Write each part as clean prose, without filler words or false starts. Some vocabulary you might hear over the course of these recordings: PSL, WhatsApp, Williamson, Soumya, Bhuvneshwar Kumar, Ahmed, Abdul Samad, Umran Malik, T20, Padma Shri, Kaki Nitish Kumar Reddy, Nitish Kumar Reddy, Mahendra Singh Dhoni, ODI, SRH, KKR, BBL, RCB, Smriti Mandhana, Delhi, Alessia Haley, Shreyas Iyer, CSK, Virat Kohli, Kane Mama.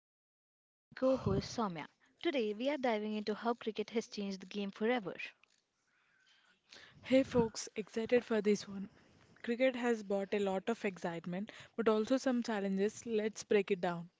Ritika, joined by my co host Soumya. Today we are diving into how cricket has changed the game forever. Hey folks, excited for this one. Cricket has brought a lot of excitement but also some challenges. Let's break it down.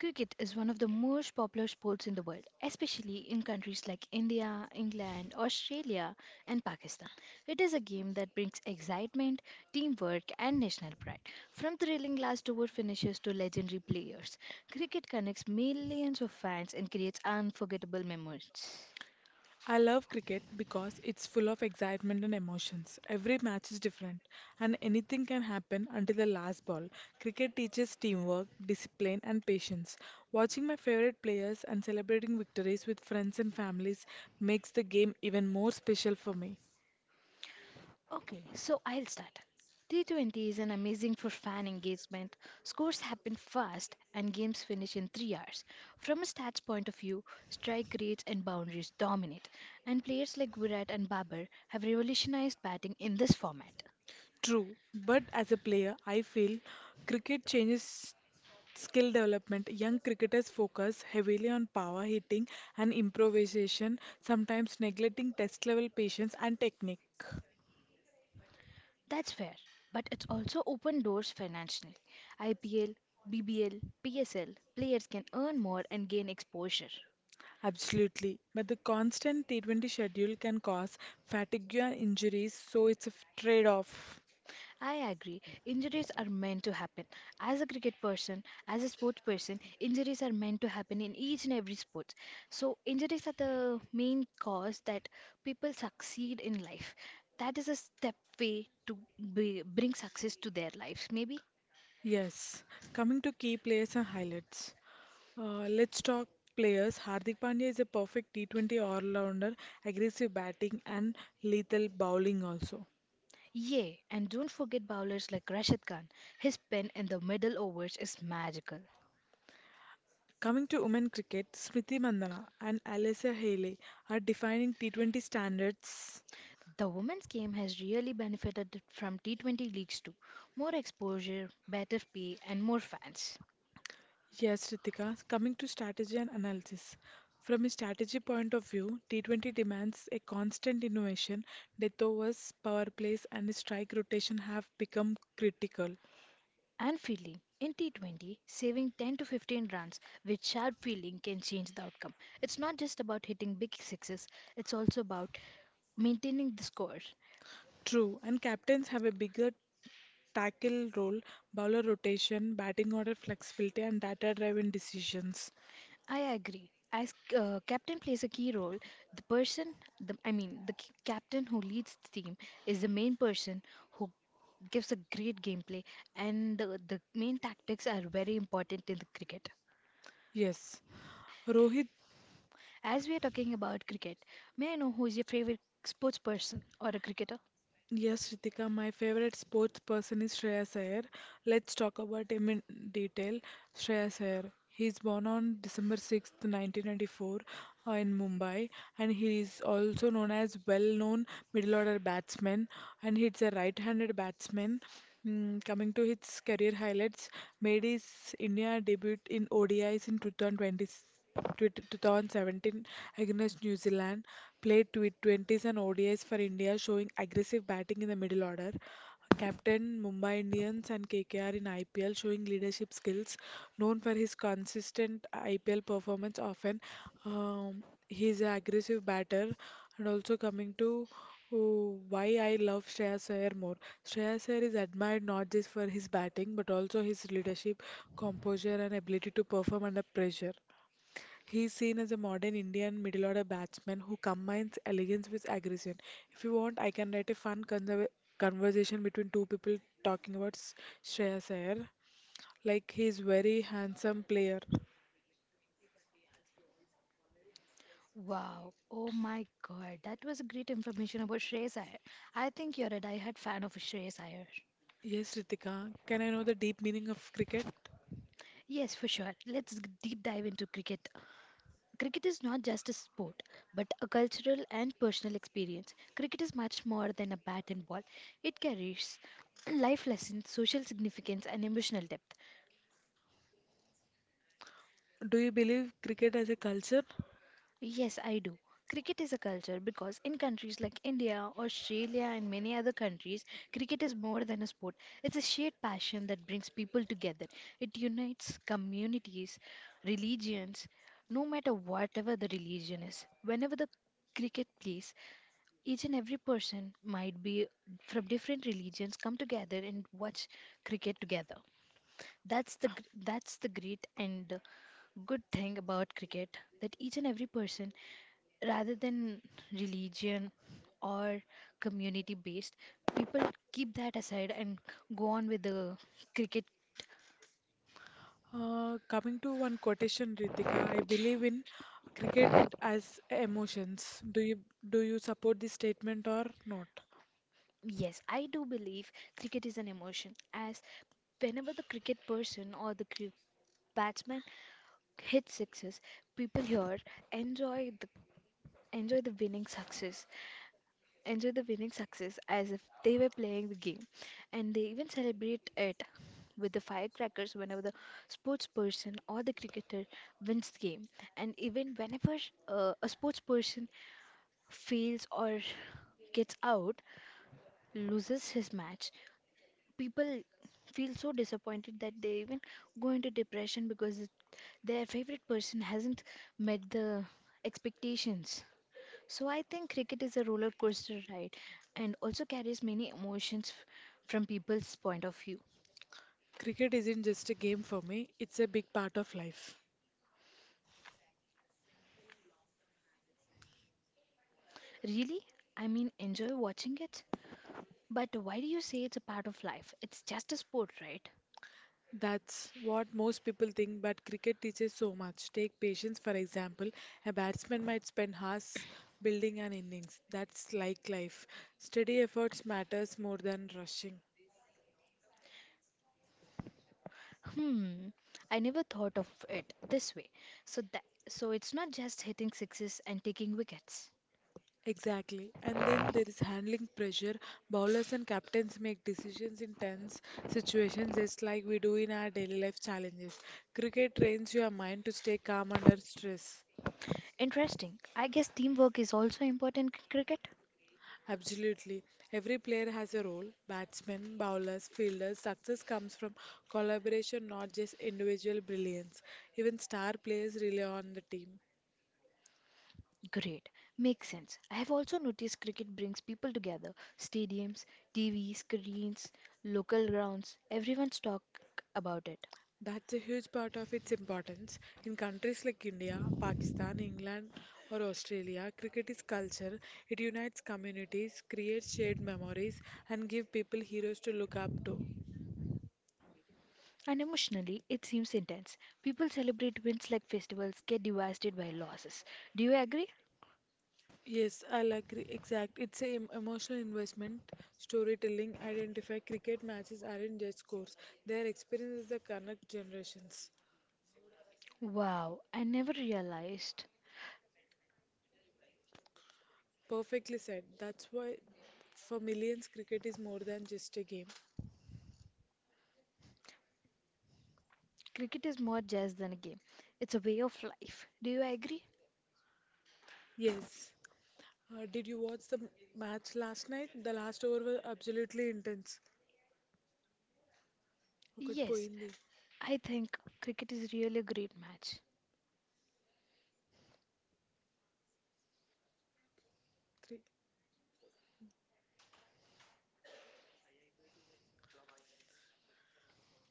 Cricket is one of the most popular sports in the world, especially in countries like India, England, Australia, and Pakistan. It is a game that brings excitement, teamwork, and national pride. From thrilling last over finishes to legendary players, cricket connects millions of fans and creates unforgettable memories. I love cricket because it's full of excitement and emotions. Every match is different and anything can happen until the last ball. Cricket teaches teamwork, discipline, and patience. Watching my favorite players and celebrating victories with friends and families makes the game even more special for me. Okay, so I'll start. T20 is an amazing for fan engagement. Scores happen fast and games finish in 3 hours. From a stats point of view, strike rates and boundaries dominate, and players like Virat and Babar have revolutionized batting in this format. True, but as a player, I feel cricket changes skill development. Young cricketers focus heavily on power hitting and improvisation, sometimes neglecting test level patience and technique. That's fair, but it's also opened doors financially. IPL, BBL, PSL players can earn more and gain exposure. Absolutely. But the constant T20 schedule can cause fatigue and injuries, so it's a trade off. I agree. Injuries are meant to happen. As a cricket person, as a sports person, injuries are meant to happen in each and every sport. So, injuries are the main cause that people succeed in life. That is a step way to bring success to their lives, maybe. Yes. Coming to key players and highlights. Let's talk players. Hardik Pandya is a perfect T20 all rounder, aggressive batting and lethal bowling also. Yeah, and don't forget bowlers like Rashid Khan. His pen in the middle overs is magical. Coming to women cricket, Smriti Mandhana and Alessia Haley are defining T20 standards. The women's game has really benefited from T20 leagues too. More exposure, better pay, and more fans. Yes, Ritika, coming to strategy and analysis. From a strategy point of view, T20 demands a constant innovation. Death overs, power plays, and strike rotation have become critical. And fielding. In T20, saving 10 to 15 runs with sharp fielding can change the outcome. It's not just about hitting big sixes, it's also about maintaining the score. True, and captains have a bigger tackle role, bowler rotation, batting order flexibility, and data driven decisions. I agree. As captain plays a key role, the person, the, I mean, the c- captain who leads the team is the main person who gives a great gameplay, and the main tactics are very important in the cricket. Yes, Rohit. As we are talking about cricket, may I know who is your favorite sports person or a cricketer? Yes, Ritika, my favorite sports person is Shreyas Iyer. Let's talk about him in detail. Shreyas Iyer. He is born on December 6th, 1994, in Mumbai, and he is also known as well-known middle-order batsman, and he is a right-handed batsman. Coming to his career highlights, made his India debut in ODIs in 2017 against New Zealand, played 20s and ODIs for India, showing aggressive batting in the middle order. Captain Mumbai Indians and KKR in IPL, showing leadership skills. Known for his consistent IPL performance, often, he is an aggressive batter. And also coming to... Oh, why I love Shreyas Iyer more. Shreyas Iyer is admired not just for his batting but also his leadership, composure, and ability to perform under pressure. He's seen as a modern Indian middle order batsman who combines elegance with aggression. If you want, I can write a fun conversation between two people talking about Shreyas Iyer. Like he's very handsome player. Wow. Oh my God. That was great information about Shreyas Iyer. I think you're a die-hard fan of Shreyas Iyer. Yes, Ritika. Can I know the deep meaning of cricket? Yes, for sure. Let's deep dive into cricket. Cricket is not just a sport, but a cultural and personal experience. Cricket is much more than a bat and ball. It carries life lessons, social significance, and emotional depth. Do you believe cricket as a culture? Yes, I do. Cricket is a culture because in countries like India, Australia, and many other countries, cricket is more than a sport. It's a shared passion that brings people together. It unites communities, religions, no matter whatever the religion is. Whenever the cricket plays, each and every person might be from different religions come together and watch cricket together. That's the great and good thing about cricket that each and every person rather than religion or community based people keep that aside and go on with the cricket. Coming to one quotation, Ritika, I believe in cricket as emotions. Do you support this statement or not? Yes, I do believe cricket is an emotion as whenever the cricket person or the batsman hits sixes, people here enjoy the enjoy the winning success enjoy the winning success as if they were playing the game. And they even celebrate it with the firecrackers whenever the sports person or the cricketer wins the game. And even whenever a sports person fails or gets out, loses his match, people feel so disappointed that they even go into depression because their favorite person hasn't met the expectations. So I think cricket is a roller coaster ride and also carries many emotions from people's point of view. Cricket isn't just a game for me, it's a big part of life. Really? I mean, enjoy watching it? But why do you say it's a part of life? It's just a sport, right? That's what most people think, but cricket teaches so much. Take patience, for example. A batsman might spend hours building an innings. That's like life. Steady efforts matters more than rushing. Hmm. I never thought of it this way. So that so it's not just hitting sixes and taking wickets. Exactly. And then there is handling pressure. Bowlers and captains make decisions in tense situations just like we do in our daily life challenges. Cricket trains your mind to stay calm under stress. Interesting. I guess teamwork is also important in cricket. Absolutely. Every player has a role batsmen, bowlers, fielders. Success comes from collaboration, not just individual brilliance. Even star players rely on the team. Great. Makes sense. I have also noticed cricket brings people together. Stadiums, TV, screens, local grounds, everyone's talk about it. That's a huge part of its importance. In countries like India, Pakistan, England, or Australia, cricket is culture. It unites communities, creates shared memories, and gives people heroes to look up to. And emotionally, it seems intense. People celebrate wins like festivals, get devastated by losses. Do you agree? Yes, I'll agree. Exact. It's a emotional investment, storytelling, identify cricket matches aren't just scores. Their experiences that connect generations. Wow, I never realized. Perfectly said. That's why for millions cricket is more than just a game. Cricket is more just than a game, it's a way of life. Do you agree? Yes. Did you watch the match last night? The last over was absolutely intense. ఒకటి Yes, పోయింది. I think cricket is really a great match. Three.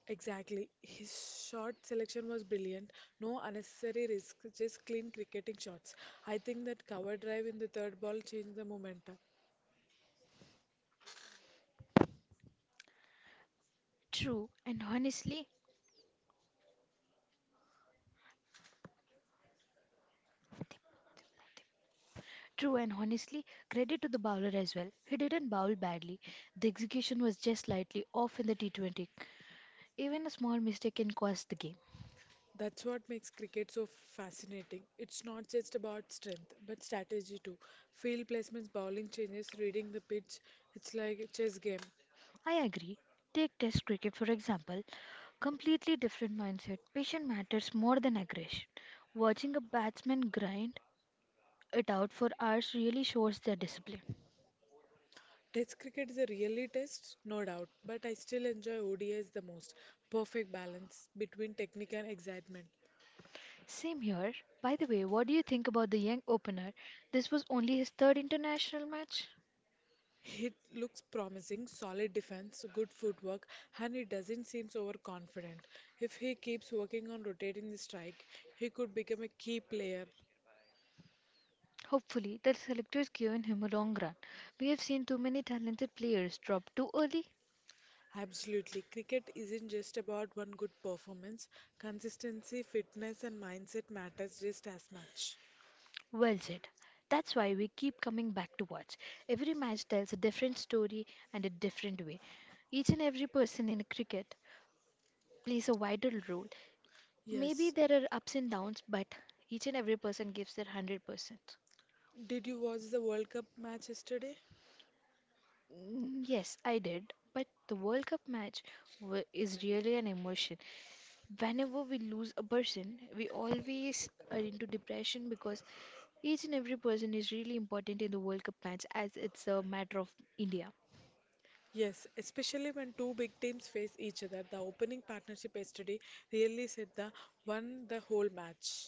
Exactly. His shot selection was brilliant. No unnecessary risk, just clean cricketing shots. I think that cover drive in the third ball changed the momentum. True, and honestly, True, and honestly, credit to the bowler as well. He didn't bowl badly. The execution was just slightly off in the T20. Even a small mistake can cost the game. That's what makes cricket so fascinating. It's not just about strength, but strategy too. Field placements, bowling changes, reading the pitch. It's like a chess game. I agree. Take Test cricket for example. Completely different mindset. Patience matters more than aggression. Watching a batsman grind it out for hours really shows their discipline. Test cricket is a really test, no doubt, but I still enjoy ODIs the most. Perfect balance between technique and excitement. Same here. By the way, what do you think about the young opener? This was only his third international match. He looks promising, solid defense, good footwork, and he doesn't seem so overconfident. If he keeps working on rotating the strike, he could become a key player. Hopefully, the selectors given him a long run. We have seen too many talented players drop too early. Absolutely. Cricket isn't just about one good performance. Consistency, fitness, and mindset matters just as much. Well said. That's why we keep coming back to watch. Every match tells a different story and a different way. Each and every person in cricket plays a vital role. Maybe Yes. there are ups and downs, but each and every person gives their 100%. Did you watch the World Cup match yesterday? Mm, yes, I did. But the World Cup match is really an emotion. Whenever we lose a person, we always are into depression because each and every person is really important in the World Cup match as it's a matter of India. Yes, especially when two big teams face each other. The opening partnership yesterday really set the won the whole match.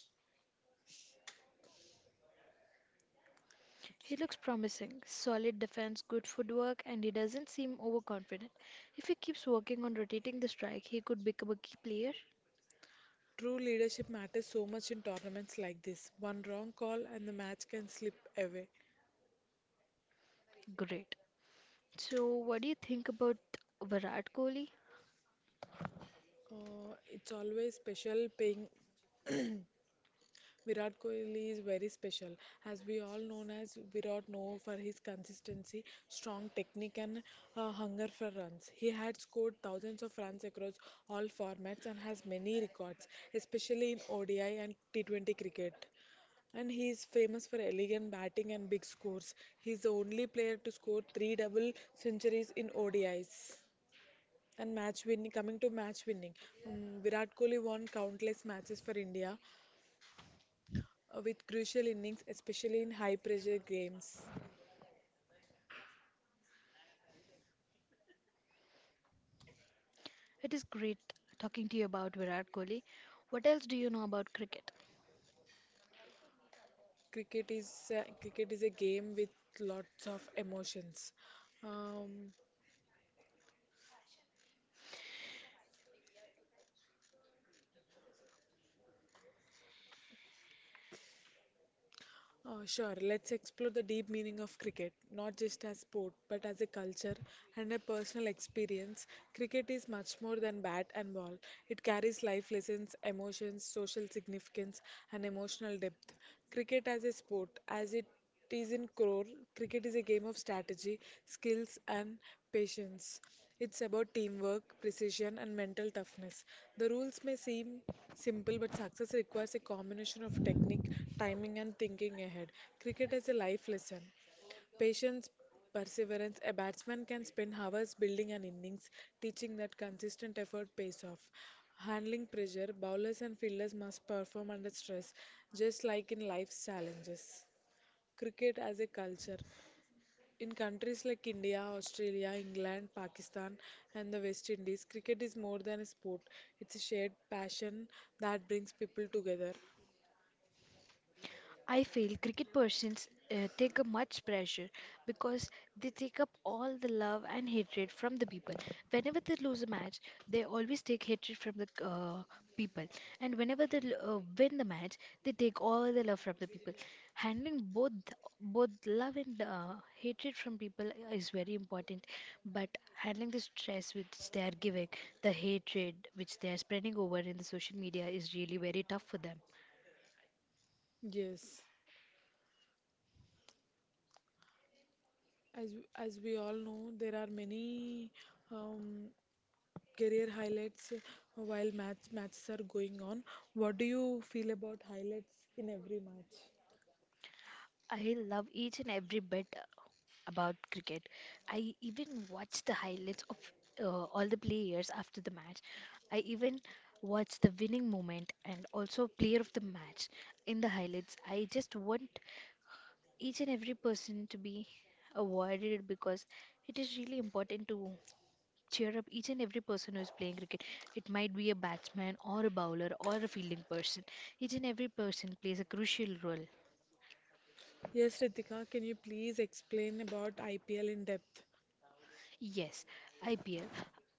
He looks Absolutely. promising, solid defense, good footwork, and he doesn't seem overconfident. If he keeps working on rotating the strike, he could become a key player. True leadership matters so much in tournaments like this. One wrong call and the match can slip away. Great. So, what do you think about Virat Kohli? It's always special paying Virat Kohli is very special, as we all known as Virat know for his consistency, strong technique, and hunger for runs. He had scored thousands of runs across all formats and has many records, especially in ODI and T20 cricket. And he is famous for elegant batting and big scores. He is the only player to score three double centuries in ODIs. And match winning, coming to match winning, Virat Kohli won countless matches for India with crucial innings, especially in high pressure games. It is great talking to you about Virat Kohli. What else do you know about cricket? Cricket is, cricket is a game with lots of emotions. Um, sure, let's explore the deep meaning of cricket, not just as sport, but as a culture and a personal experience. Cricket is much more than bat and ball. It carries life lessons, emotions, social significance, and emotional depth. Cricket as a sport, as it Tizen Krore, cricket is a game of strategy, skills, and patience. It's about teamwork, precision, and mental toughness. The rules may seem simple, but success requires a combination of technique, timing, and thinking ahead. Cricket is a life lesson. Patience, perseverance. A batsman can spend hours building an innings, teaching that consistent effort pays off. Handling pressure, bowlers and fielders must perform under stress, just like in life's challenges cricket as a culture. In countries like India, Australia, England, Pakistan, and the West Indies, cricket is more than a sport. It's a shared passion that brings people together. I feel cricket persons take up much pressure because they take up all the love and hatred from the people. Whenever they lose a match, they always take hatred from the people, and whenever they win the match, they take all the love from the people. Handling both love and hatred from people is very important, but handling the stress which they are giving, the hatred which they are spreading over in the social media is really very tough for them. Yes, as we all know, there are many um, career highlights while matches are going on. What do you feel about highlights in every match? I love each and every bit about cricket. I even watch the highlights of all the players after the match. I even watch the winning moment and also player of the match in the highlights. I just want each and every person to be awarded because it is really important to cheer up each and every person who is playing cricket. It might be a batsman or a bowler or a fielding person. Each and every person plays a crucial role. Yes, Ritika, can you please explain about IPL in depth? Yes, IPL.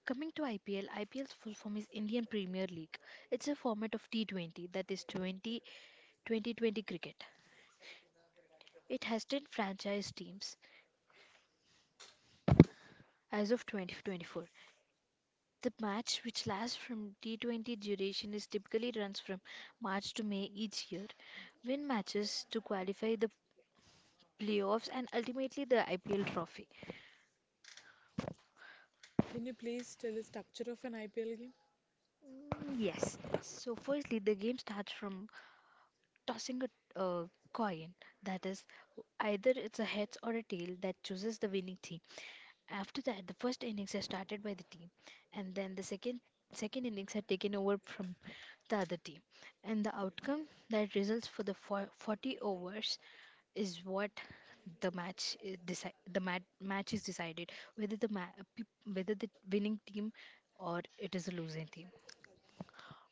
Coming to IPL, IPL's full form is Indian Premier League. It's a format of T20, that is 202020 cricket. It has 10 franchise teams as of 2024. The match, which lasts from T20 duration, is typically runs from March to May each year. Win matches to qualify the playoffs and ultimately the IPL trophy. Can you please tell the structure of an IPL game? Mm, yes. So firstly, the game starts from tossing a uh, coin, that is either it's a heads or a tail that chooses the winning team. After that, the first innings are started by the team, and then the second innings are taken over from the other team, and the outcome that results for the 40 overs is what the match is decided, whether the winning team or it is a losing team.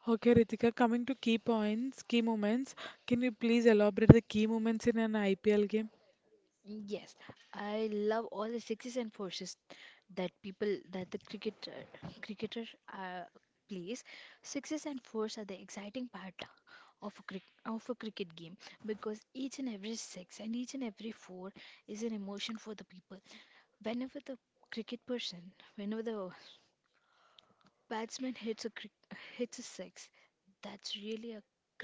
Okay, Ritika, coming to key points, key moments, can you please elaborate the key moments in an IPL game? Yes, I love all the sixes and forces that people that the cricketer uh, plays. Sixes and fours are the exciting part of a cricket game because each and every six and each and every four is an emotion for the people. Whenever the cricket person, whenever the batsman hits a six, that's really a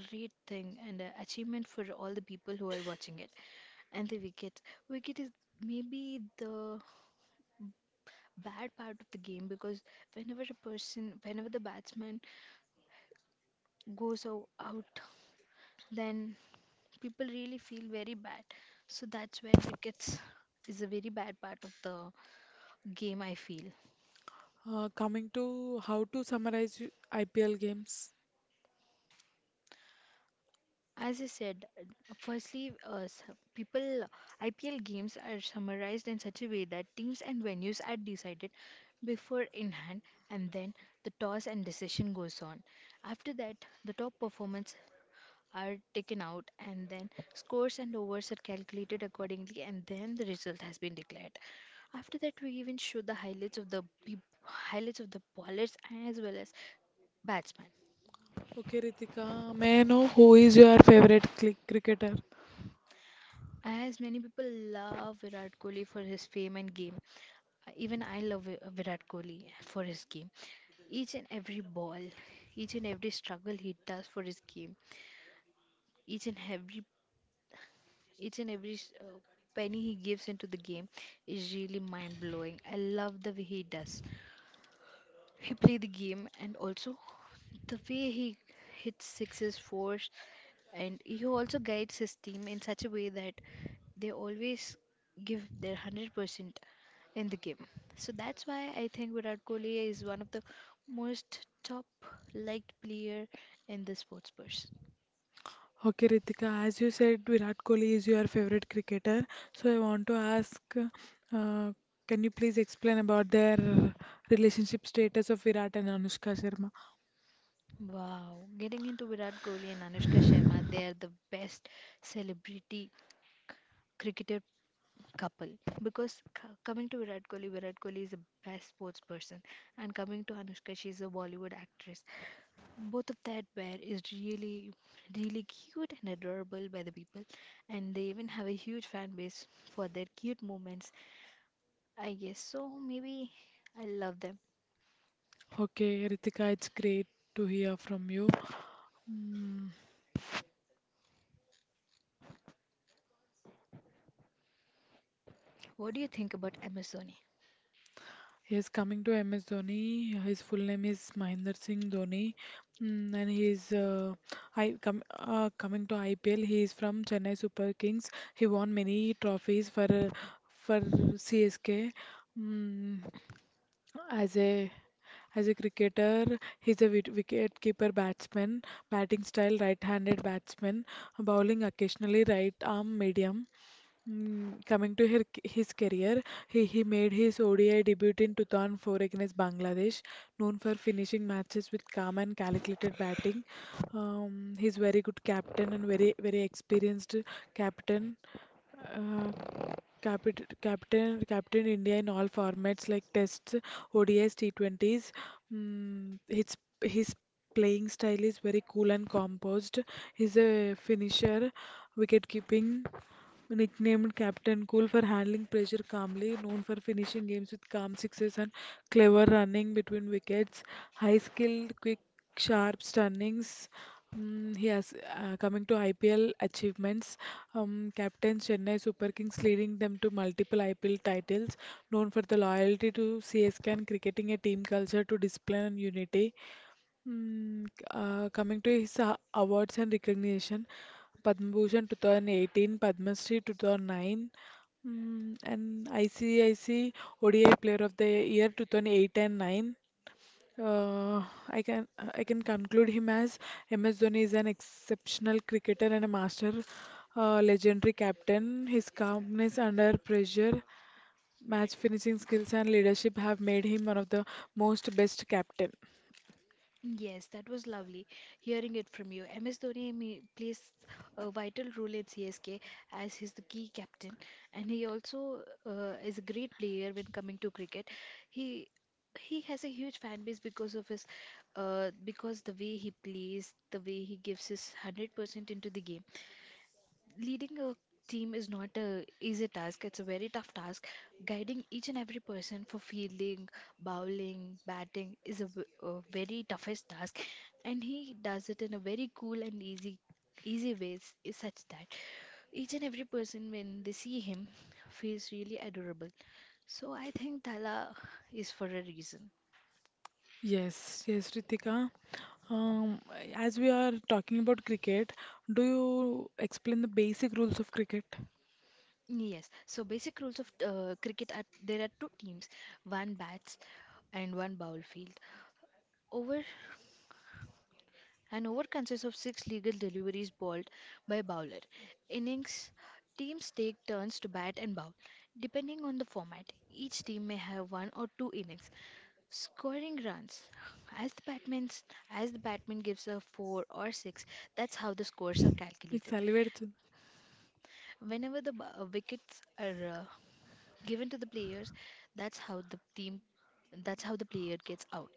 great thing and an achievement for all the people who are watching it. And the wicket is maybe the bad part of the game because whenever the batsman goes out, then people really feel very bad. So that's where wickets is a very bad part of the game, I feel. Coming to how to summarize IPL games. As I said, firstly, s- people IPL games are summarized in such a way that teams and venues are decided before in hand, and then the toss and decision goes on. After that, the top performance are taken out and then scores and overs are calculated accordingly, and then the result has been declared. After that we even show the highlights of the highlights of the bowlers as well as batsmen. Okay, Ritika, may I know who is your favorite cricketer? As many people love Virat Kohli for his fame and game, even I love Virat Kohli for his game. Each and every ball, each and every struggle he does for his game, each and every each and every uh, penny he gives into the game is really mind blowing. I love the way he does. He play the game and also the way he hits sixes, fours, and he also guides his team in such a way that they always give their 100% in the game. So that's why I think Virat Kohli is one of the most top liked player in the sports person. Okay, Ritika, as you said, Virat Kohli is your favorite cricketer. So I want to ask, can you please explain about their relationship status of Virat and Anushka Sharma? Wow, getting into Virat Kohli and Anushka Sharma, they are the best celebrity cricketer couple because coming to Virat Kohli, Virat Kohli is the best sports person, and coming to Anushka, she's a Bollywood actress. Both of that pair is really, really cute and adorable by the people, and they even have a huge fan base for their cute moments. I guess so. Maybe I love them. Okay, Ritika, it's great to hear from you. Mm. What do you think about Amazon? He's coming to MS Dhoni. His full name is Mahendra Singh Dhoni. Mm, and he's I com Coming to IPL. He is from Chennai Super Kings. He won many trophies for CSK. Mm, as a as a cricketer, he's a wicket keeper batsman, batting style right-handed batsman, bowling occasionally right arm medium. Coming to her, his career, he made his ODI debut in 2004 against Bangladesh, known for finishing matches with calm and calculated batting. He's very good captain and very experienced captain. Uh, capit captain Captain India in all formats like tests, ODIs, T20s. Mm, his his playing style is very cool and composed. He's a finisher, wicket keeping. Nicknamed Captain Cool for handling pressure calmly, known for finishing games with calm sixes and clever running between wickets, high skill, quick, sharp stunnings. He has coming to IPL achievements. Captain Chennai Super Kings, leading them to multiple IPL titles. Known for the loyalty to CSK and cricketing a team culture to discipline and unity. Mm, Coming to his awards and recognition, Padma Bhushan 2018, Padma Shri 2009, and ICIC ODI Player of the Year 2008 and 9. Uh, I can conclude him as MS Dhoni is an exceptional cricketer and a master, legendary captain. His calmness under pressure, match finishing skills, and leadership have made him one of the most best captain. Yes, that was lovely hearing it from you. MS Dhoni plays a vital role in CSK as he's the key captain, and he also is a great player when coming to cricket. He he has a huge fan base because of his because the way he plays, the way he gives his 100% into the game. Leading a team is not a easy task, it's a very tough task. Guiding each and every person for fielding, bowling, batting is a very toughest task, and he does it in a very cool and easy ways is such that each and every person when they see him feels really adorable. So I think Tala is for a reason. Yes, yes, Ritika. Um, as we are talking about cricket, do you explain the basic rules of cricket? Yes. So basic rules of cricket are there are two teams, one bats and one bowl field. Over An over consists of six legal deliveries bowled by bowler. Innings teams take turns to bat and bowl. Depending on the format, each team may have one or two innings. Scoring runs. As the batman as the batman gives a four or six, that's how the scores are Please, calculated. elaborate. Whenever the wickets are given to the players, that's how the team, that's how the player gets out,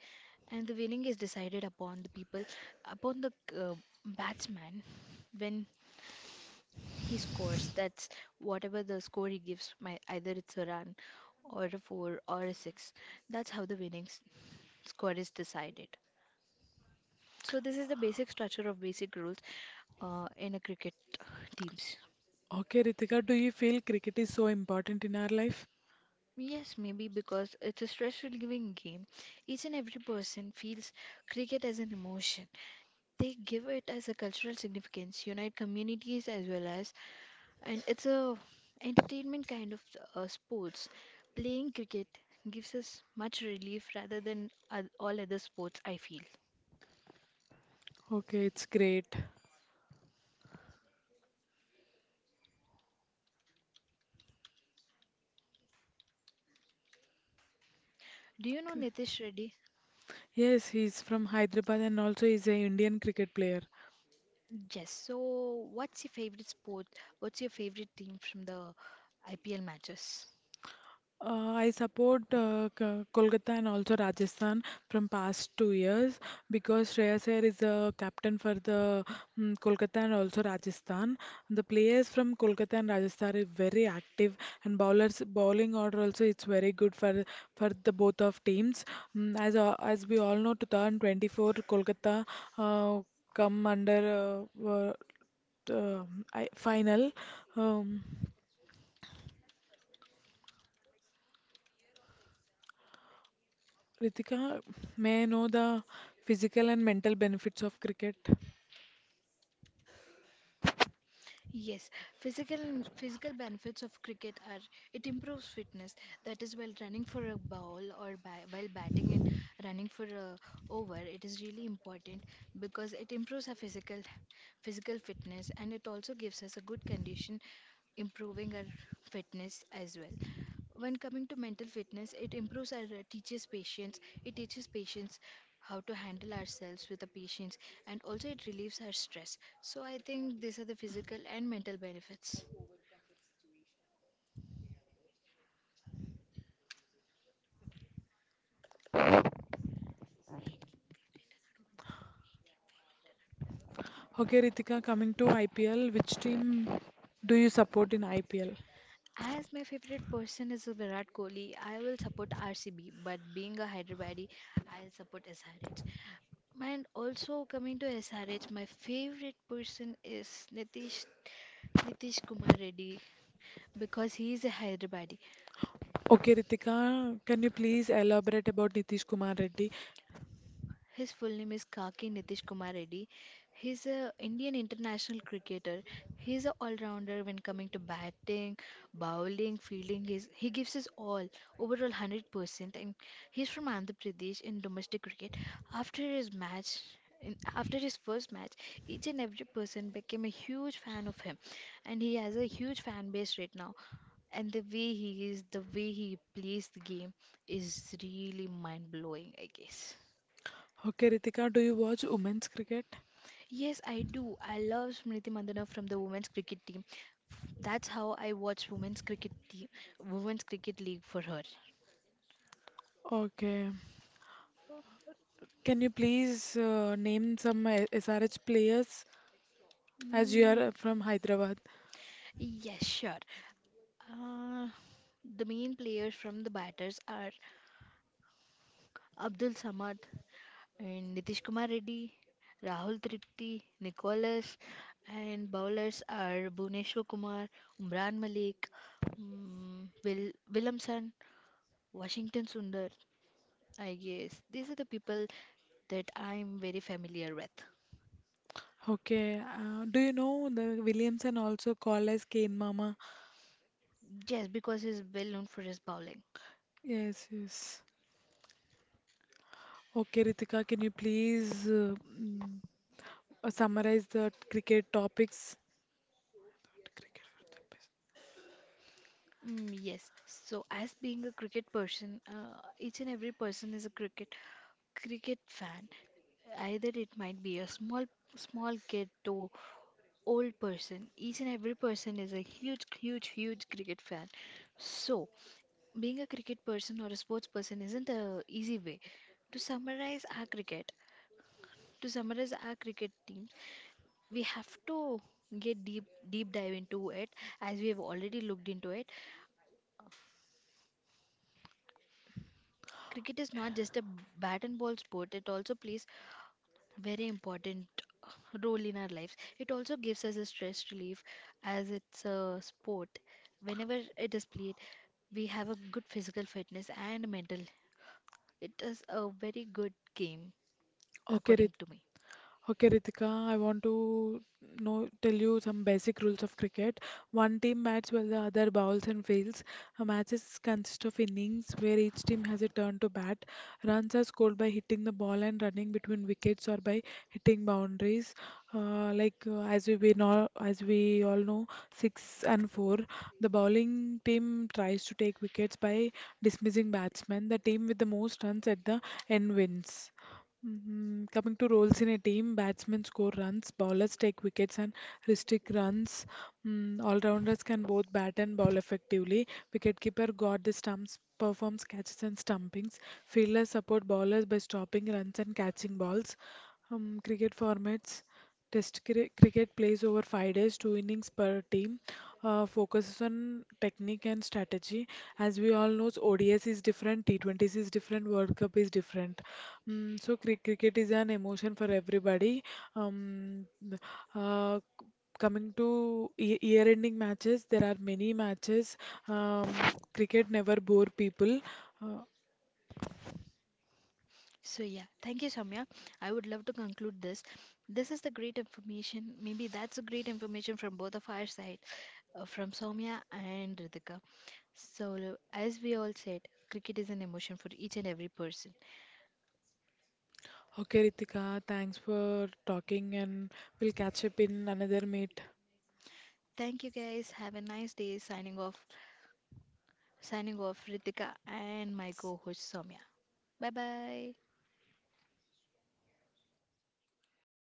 and the winning is decided upon the people, upon the uh, batsman when he scores. That's whatever the score he gives, my either it's a run or a four or a six. That's how the score is decided. So this is the basic structure of basic rules in a cricket teams. Okay, Ritika, do you feel cricket is so important in our life? Yes, maybe because it's a stress relieving game. Each and every person feels cricket as an emotion. They give it as a cultural significance, unite communities as well as, and it's a entertainment kind of sports. Playing cricket gives us much relief rather than all other sports. I feel. Okay, it's great. Do you know Nitish Reddy? Yes, he's from Hyderabad and also he's a Indian cricket player. Yes. So, what's your favorite sport? What's your favorite team from the IPL matches? I support Kolkata and also Rajasthan from past 2 years because Shreyas Iyer is a captain for the Kolkata and also Rajasthan. The players from Kolkata and Rajasthan are very active and bowlers bowling order also it's very good for the both of teams. As we all know, 2024 Kolkata uh, come under uh, uh, t- uh, final. Um, Ritika, may I know the physical and mental benefits of cricket? Yes, physical physical benefits of cricket are it improves fitness. That is, while running for a ball or ba while batting and running for a over, it is really important because it improves our physical fitness, and it also gives us a good condition, improving our fitness as well. When coming to mental fitness, it improves our, teaches patience, how to handle ourselves with the patience, and also it relieves our stress. So I think these are the physical and mental benefits. Okay, Ritika, coming to IPL, which team do you support in IPL? As my favorite person is Virat Kohli, I will support RCB, but being a Hyderabadi, I'll support SRH. And also coming to SRH, my favorite person is Nitish Kumar Reddy because he is a Hyderabadi. Okay, Ritika, can you please elaborate about Nitish Kumar Reddy? His full name is Kaki Nitish Kumar Reddy. He's a Indian international cricketer. He's an all-rounder when coming to batting, bowling, fielding. He gives his all, overall 100%. And he's from Andhra Pradesh in domestic cricket. After his match, after his first match, each and every person became a huge fan of him, and he has a huge fan base right now. And the way he is, the way he plays the game is really mind blowing, I guess. Okay, Ritika, do you watch women's cricket? Yes, I do. I love Smriti Mandhana from the women's cricket team. That's how I watch women's cricket team, women's cricket league for her. Okay. Can you please name some SRH players as you Mm, are from Hyderabad? yes, sure. Uh, the main players from the batters are Abdul Samad and Nitish Kumar Reddy, Rahul Tripti, Nicholas, and bowlers are Bhuvneshwar Kumar, Umran Malik, Will Williamson, Washington Sundar. I guess these are the people that I'm very familiar with. Okay. Do you know the Williamson also called as Kane Mama? Yes, because he's well known for his bowling. Yes, yes. Okay, Ritika, can you please mm, summarize the cricket topics? Mm, yes. So, as being a cricket person, each and every person is a cricket fan. Either it might be a small kid to old person. Each and every person is a huge, huge, huge cricket fan. So, being a cricket person or a sports person isn't a easy way. To summarize our cricket, to summarize our cricket team, we have to get deep dive into it. As we have already looked into it, cricket is not just a bat and ball sport. It also plays very important role in our lives. It also gives us a stress relief, as it's a sport. Whenever it is played, we have a good physical fitness and mental. It is a very good game, Okay, according to Ritika. me. Okay, Ritika, I want to know tell you some basic rules of cricket. One team bats while the other bowls and fields. A matches consist of innings where each team has a turn to bat. Runs are scored by hitting the ball and running between wickets or by hitting boundaries. Like, as we know, as we all know, six and four. The bowling team tries to take wickets by dismissing batsmen. The team with the most runs at the end wins. Mhm. Coming to roles in a team, batsmen score runs, bowlers take wickets and restrict runs. All-rounders can both bat and bowl effectively. Wicketkeeper guard the stumps, performs catches and stumpings. Fielders support bowlers by stopping runs and catching balls. Cricket formats. Test cricket plays over 5 days, two innings per team, focuses on technique and strategy. As we all know, ODS is different, T20s is different, World Cup is different. So cricket is an emotion for everybody. Um, th- uh, c- Coming to year-ending matches, there are many matches. Cricket never bore people. Uh, So yeah, thank you, Samya. I would love to conclude this. This is the great information. Maybe that's a great information from both of our side, from Soumya and Ritika. So as we all said, cricket is an emotion for each and every person. okay, Ritika, thanks for talking, and we'll catch up in another meet. Thank you guys. Have a nice day. Signing off. Signing off, Ritika and my co-host Soumya. Bye bye.